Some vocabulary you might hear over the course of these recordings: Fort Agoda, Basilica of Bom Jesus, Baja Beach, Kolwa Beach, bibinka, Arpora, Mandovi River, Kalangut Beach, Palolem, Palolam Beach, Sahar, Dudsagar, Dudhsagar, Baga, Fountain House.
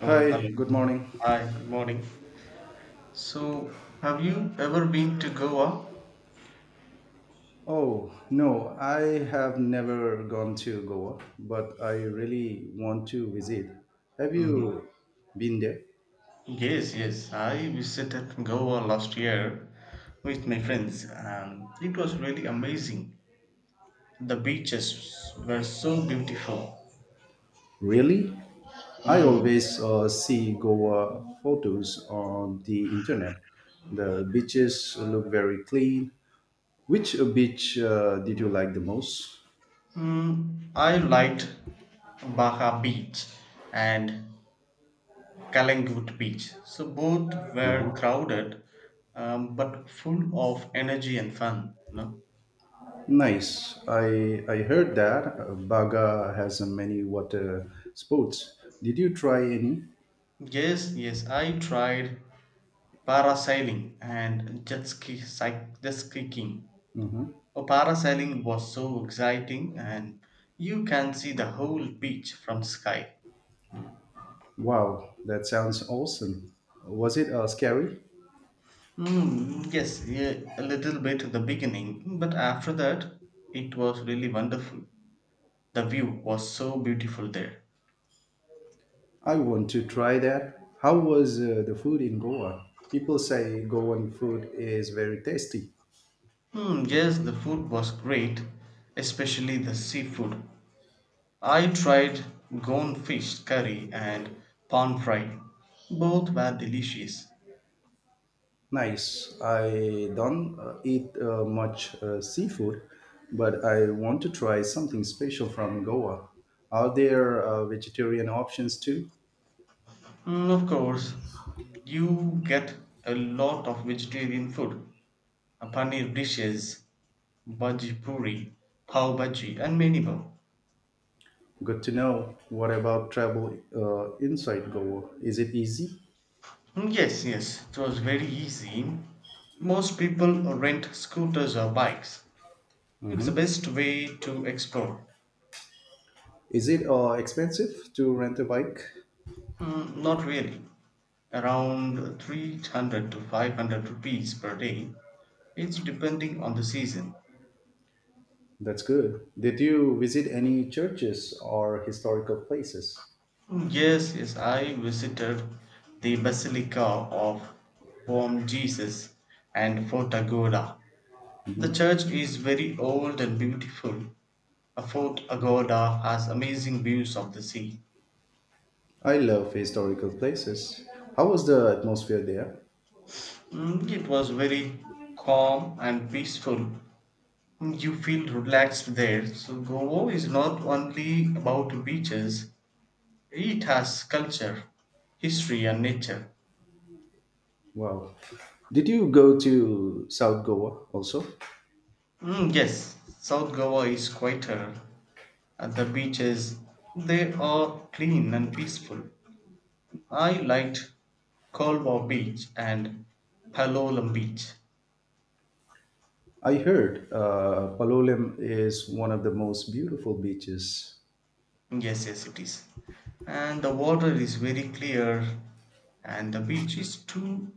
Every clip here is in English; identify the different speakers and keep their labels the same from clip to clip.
Speaker 1: Oh,
Speaker 2: Hi,
Speaker 1: hello.
Speaker 2: good
Speaker 1: Mm.
Speaker 2: morning.
Speaker 1: Hi, good morning. So, have you ever been to Goa?
Speaker 2: Oh, no, I have never gone to Goa, but I really want to visit. Have
Speaker 1: Mm.
Speaker 2: you been there?
Speaker 1: Yes, yes. I visited Goa last year with my friends, and it was really amazing. The beaches were so beautiful.
Speaker 2: Really? I
Speaker 1: Mm.
Speaker 2: always see Goa photos on the internet. The beaches look very clean. Which beach did you like the most?
Speaker 1: I liked Baja Beach and Kalangut Beach. So both were
Speaker 2: Mhm.
Speaker 1: crowded, but full of energy and fun. You know?
Speaker 2: Nice. I heard that Baga has many water sports. Did you try any?
Speaker 1: Yes, yes, I tried parasailing and jet skiing. Oh, parasailing was so exciting, and you can see the whole beach from sky.
Speaker 2: Wow, that sounds awesome. Was it scary?
Speaker 1: Yes, yeah, a little bit at the beginning, but after that, it was really wonderful. The view was so beautiful there.
Speaker 2: I want to try that. How was the food in Goa? People say Goan food is very tasty.
Speaker 1: Yes, the food was great, especially the seafood. I tried Gone fish curry and pan fry, Both were delicious.
Speaker 2: Nice. I don't eat much seafood, but I want to try something special from Goa. Are there vegetarian options too?
Speaker 1: Of course, you get a lot of vegetarian food, paneer dishes, bhaji puri, pav bhaji, and many more.
Speaker 2: Good to know. What about travel inside Goa? Is it easy?
Speaker 1: Yes, yes, it was very easy. Most people rent scooters or bikes. It's the best way to explore.
Speaker 2: Is it expensive to rent a bike?
Speaker 1: Not really. Around 300 to 500 rupees per day. It's depending on the season.
Speaker 2: That's good. Did you visit any churches or historical places?
Speaker 1: Yes, yes, I visited the Basilica of Bom Jesus and Fort Agoda. The church is very old and beautiful. A Fort Agoda has amazing views of the sea.
Speaker 2: I love historical places. How was the atmosphere there?
Speaker 1: It was very calm and peaceful. You feel relaxed there. So Goa is not only about beaches, it has culture, history and nature.
Speaker 2: Wow. Did you go to South Goa also?
Speaker 1: Yes, South Goa is quieter. At the beaches, they are clean and peaceful. I liked Kolwa Beach and Palolam Beach.
Speaker 2: I heard Palolem is one of the most beautiful beaches.
Speaker 1: Yes, yes, it is. And the water is very clear, and the beach is too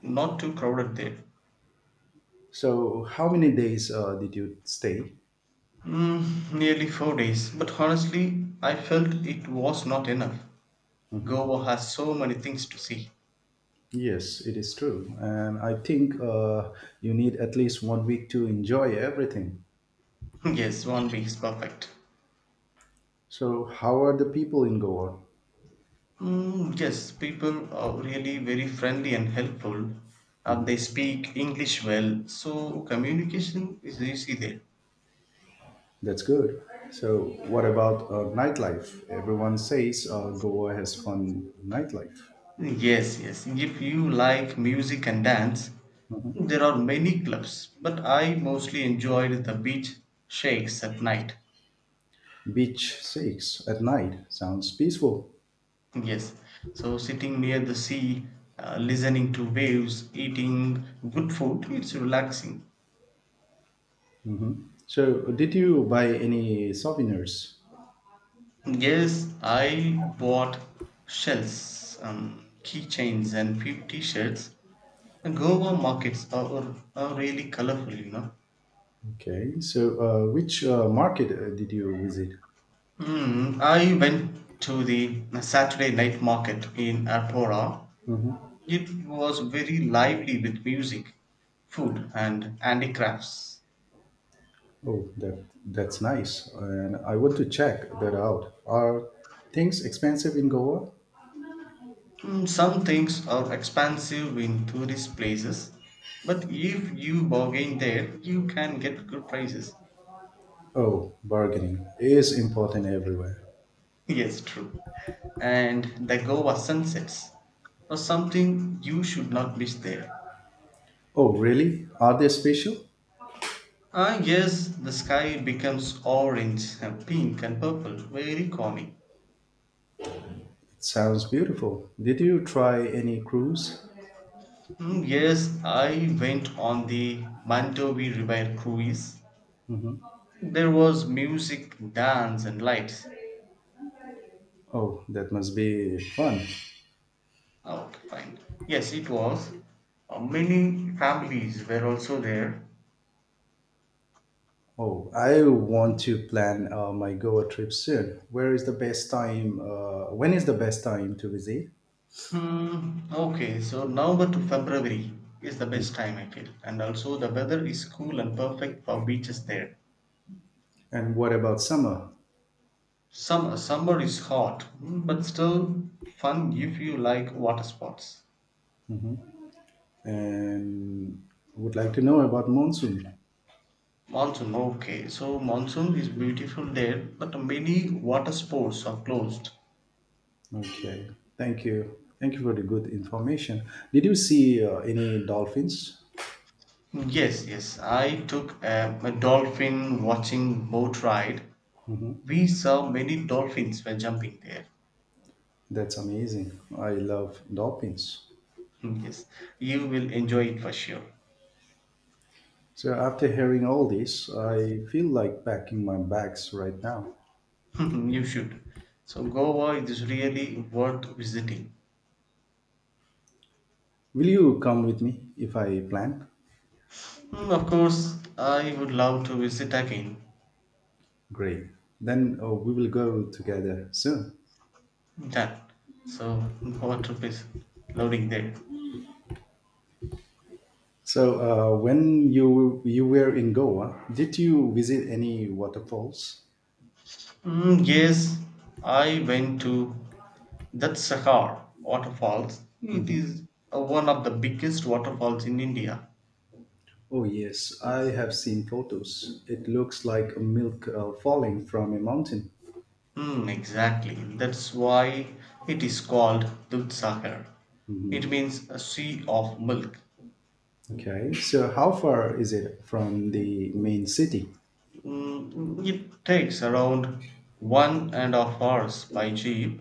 Speaker 1: not too crowded there.
Speaker 2: So, how many days did you stay?
Speaker 1: Nearly 4 days, but honestly, I felt it was not enough. Goa has so many things to see.
Speaker 2: Yes, it is true. And I think you need at least one week to enjoy everything.
Speaker 1: yes, one week is perfect.
Speaker 2: So, how are the people in Goa?
Speaker 1: Yes, people are really very friendly and helpful. They speak English well, so communication is easy there.
Speaker 2: That's good. So, what about nightlife? Everyone says Goa has fun nightlife.
Speaker 1: Yes, yes, if you like music and dance, there are many clubs, but I mostly enjoyed the beach shakes at night.
Speaker 2: Beach shakes at night sounds peaceful.
Speaker 1: Yes, so sitting near the sea, listening to waves, eating good food, it's relaxing.
Speaker 2: So, did you buy any souvenirs?
Speaker 1: Yes, I bought shells, keychains, and few t-shirts. The Goa markets are, really colorful.
Speaker 2: Okay. So, which market did you visit?
Speaker 1: Hmm. I went to the Saturday night market in Arpora. It was very lively with music, food, and handicrafts.
Speaker 2: Oh, that's nice. And I want to check that out. Are things expensive in Goa?
Speaker 1: Some things are expensive in tourist places, but if you bargain there, you can get good prices.
Speaker 2: Oh, bargaining is important everywhere.
Speaker 1: yes, true. And the Goa sunsets or something you should not miss there.
Speaker 2: Oh, really? Are they special?
Speaker 1: Ah, yes, the sky becomes orange, and pink, and purple, very calming.
Speaker 2: Sounds beautiful. Did you try any cruise?
Speaker 1: Yes, I went on the Mandovi River cruise. There was music, dance, and lights.
Speaker 2: Oh, that must be fun.
Speaker 1: Okay, fine. Yes, it was. Many families were also there.
Speaker 2: Oh, I want to plan my Goa trip soon. Where is the best time? When is the best time to visit?
Speaker 1: Hmm. Okay, so November to February is the
Speaker 2: Mm.
Speaker 1: best time, I feel. And also, the weather is cool and perfect for beaches there.
Speaker 2: And what about summer?
Speaker 1: Summer is hot, but still fun if you like water sports.
Speaker 2: And would like to know about monsoon.
Speaker 1: Monsoon, okay. So monsoon is beautiful there, but many water sports are closed.
Speaker 2: Okay, thank you. Thank you for the good information. Did you see any dolphins?
Speaker 1: Yes, yes. I took a dolphin watching boat ride. We saw many dolphins were jumping there.
Speaker 2: That's amazing. I love dolphins.
Speaker 1: Yes, you will enjoy it for sure.
Speaker 2: So after hearing all this, I feel like packing my bags right now.
Speaker 1: you should. So Goa is really worth visiting.
Speaker 2: Will you come with me if I plan?
Speaker 1: Of course, I would love to visit again.
Speaker 2: Great. Then we will go together soon.
Speaker 1: Done. So Goa trip is loading there.
Speaker 2: So when you were in Goa, did you visit any waterfalls?
Speaker 1: Yes, I went to that Sahar waterfalls. It is one of the biggest waterfalls in India.
Speaker 2: Oh, yes, I have seen photos. It looks like a milk falling from a mountain.
Speaker 1: Hmm. Exactly. That's why it is called Dudsagar. It means a sea of milk.
Speaker 2: Okay. So how far is it from the main city?
Speaker 1: It takes around 1.5 hours by jeep,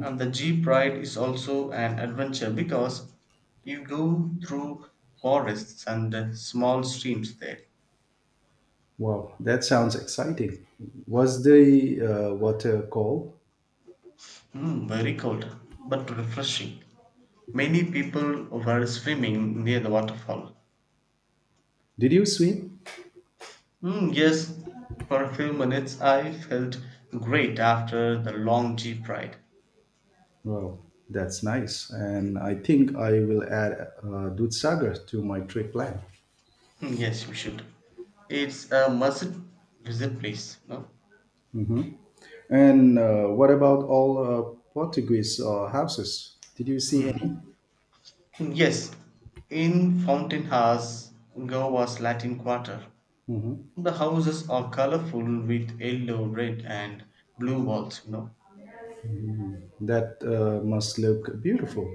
Speaker 1: and the jeep ride is also an adventure because you go through forests and small streams there.
Speaker 2: Wow, that sounds exciting. Was the water cold?
Speaker 1: Very cold but refreshing. Many people were swimming near the waterfall.
Speaker 2: Did you swim?
Speaker 1: Yes, for a few minutes I felt great after the long jeep ride.
Speaker 2: Wow, that's nice. And I think I will add Dudhsagar to my trip plan.
Speaker 1: Yes, you should. It's a must visit place, no?
Speaker 2: Hmm. And what about all Portuguese houses? Did you see
Speaker 1: Hmm.
Speaker 2: any?
Speaker 1: Yes, in Fountain House, Goa's Latin Quarter. The houses are colorful with yellow, red, and blue walls.
Speaker 2: That must look beautiful.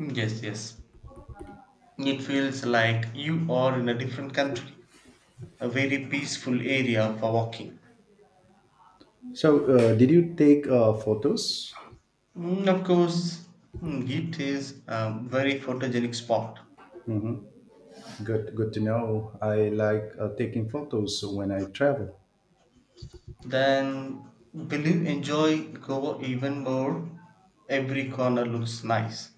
Speaker 1: Yes, yes. It feels like you are in a different country, a very peaceful area for walking.
Speaker 2: So, did you take photos?
Speaker 1: Of course, it is a very photogenic spot.
Speaker 2: Hmm. Good, good to know. I like taking photos when I travel.
Speaker 1: Then will you enjoy Goa even more? Every corner looks nice.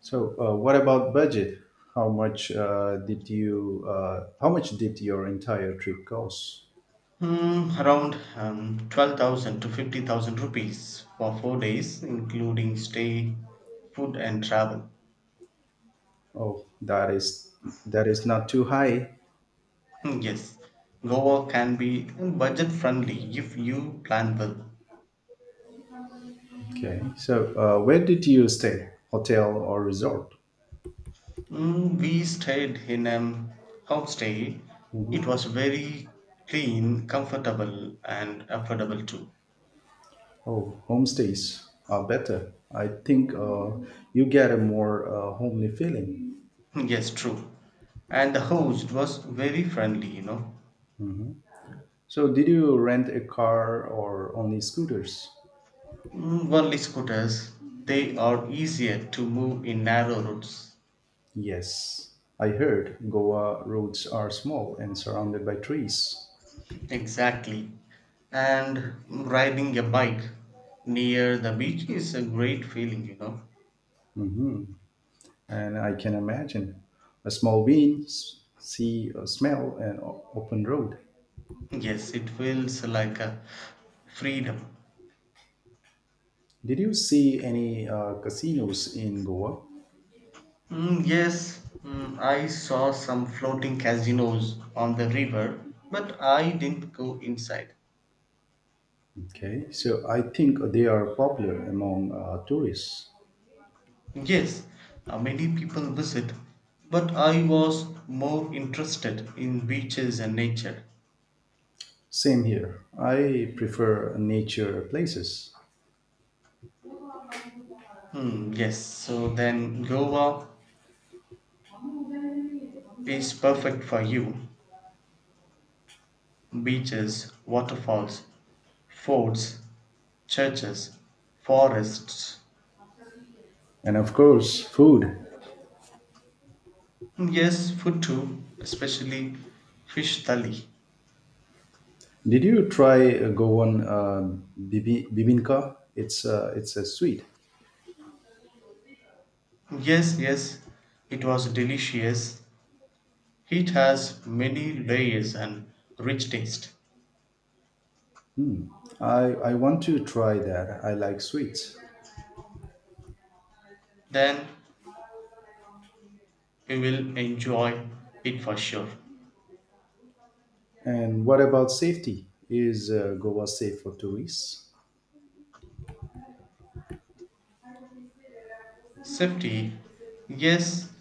Speaker 2: So, what about budget? How much did your entire trip cost?
Speaker 1: Around 12,000 to 50,000 rupees for 4 days, including stay, food, and travel.
Speaker 2: Oh, that is not too high.
Speaker 1: Yes, Goa can be budget friendly if you plan well.
Speaker 2: Okay. So, where did you stay? Hotel or resort?
Speaker 1: We stayed in a homestay. It
Speaker 2: Hmm.
Speaker 1: was very clean, comfortable, and affordable too.
Speaker 2: Oh, homestays are better. I think you get a more homely feeling.
Speaker 1: yes, true. And the host was very friendly.
Speaker 2: So, did you rent a car or only scooters?
Speaker 1: Only scooters, they are easier to move in narrow routes.
Speaker 2: Yes, I heard Goa roads are small and surrounded by trees.
Speaker 1: Exactly. And riding a bike near the beach is a great feeling.
Speaker 2: And I can imagine a small wind, sea, a smell, and open road.
Speaker 1: Yes, it feels like a freedom.
Speaker 2: Did you see any casinos in Goa?
Speaker 1: Yes, I saw some floating casinos on the river, but I didn't go inside.
Speaker 2: Okay, so I think they are popular among tourists.
Speaker 1: Yes, many people visit, but I was more interested in beaches and nature.
Speaker 2: Same here. I prefer nature places.
Speaker 1: Hmm, yes, so then Goa is perfect for you. Beaches, waterfalls, forts, churches, forests.
Speaker 2: And of course, food.
Speaker 1: Hmm, yes, food too, especially fish thali.
Speaker 2: Did you try Goan bibinka? It's a sweet.
Speaker 1: Yes, yes, it was delicious. It has many layers and rich taste.
Speaker 2: Hmm. I want to try that. I like sweets.
Speaker 1: Then you will enjoy it for sure.
Speaker 2: And what about safety? Is Goa safe for tourists?
Speaker 1: Safety, yes,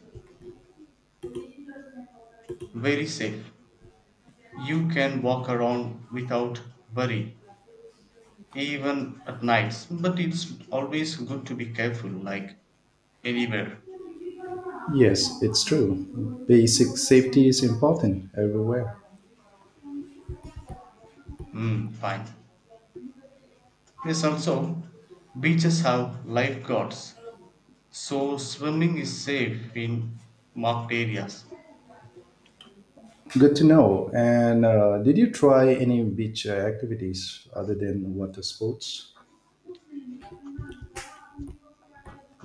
Speaker 1: very safe. You can walk around without worry, even at nights. But it's always good to be careful, like anywhere.
Speaker 2: Yes, it's true. Basic safety is important everywhere.
Speaker 1: Hmm, fine. Yes, also, beaches have lifeguards. So swimming is safe in marked areas.
Speaker 2: Good to know. And did you try any beach activities other than water sports?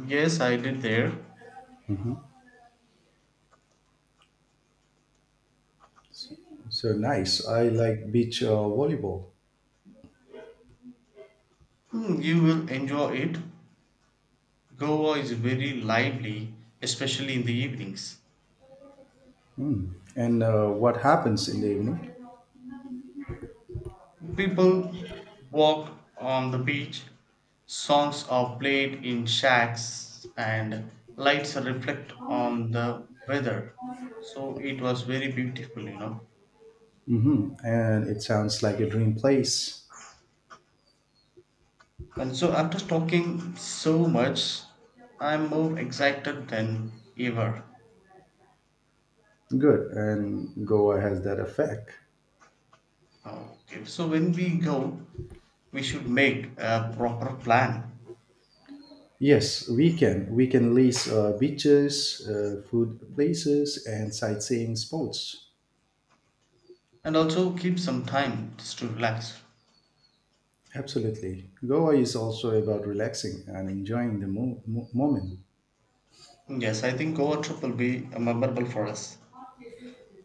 Speaker 1: Yes, I did there.
Speaker 2: So nice. I like beach volleyball.
Speaker 1: You will enjoy it. Goa is very lively, especially in the evenings.
Speaker 2: Mm. And what happens in the evening?
Speaker 1: People walk on the beach, songs are played in shacks, and lights reflect on the weather. So it was very beautiful.
Speaker 2: Hmm. And it sounds like a dream place.
Speaker 1: And so after talking so much, I'm more excited than ever.
Speaker 2: Good. And Goa has that effect.
Speaker 1: Okay. So when we go, we should make a proper plan
Speaker 2: Yes, we can. We can list beaches, food places, and sightseeing spots.
Speaker 1: and also keep some time just to relax.
Speaker 2: Absolutely. Goa is also about relaxing and enjoying the moment.
Speaker 1: Yes, I think Goa trip will be memorable for us.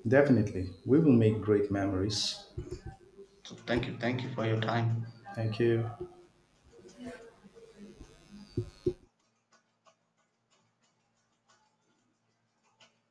Speaker 2: Definitely. We will make great memories.
Speaker 1: So thank you. Thank you for your time.
Speaker 2: Thank you.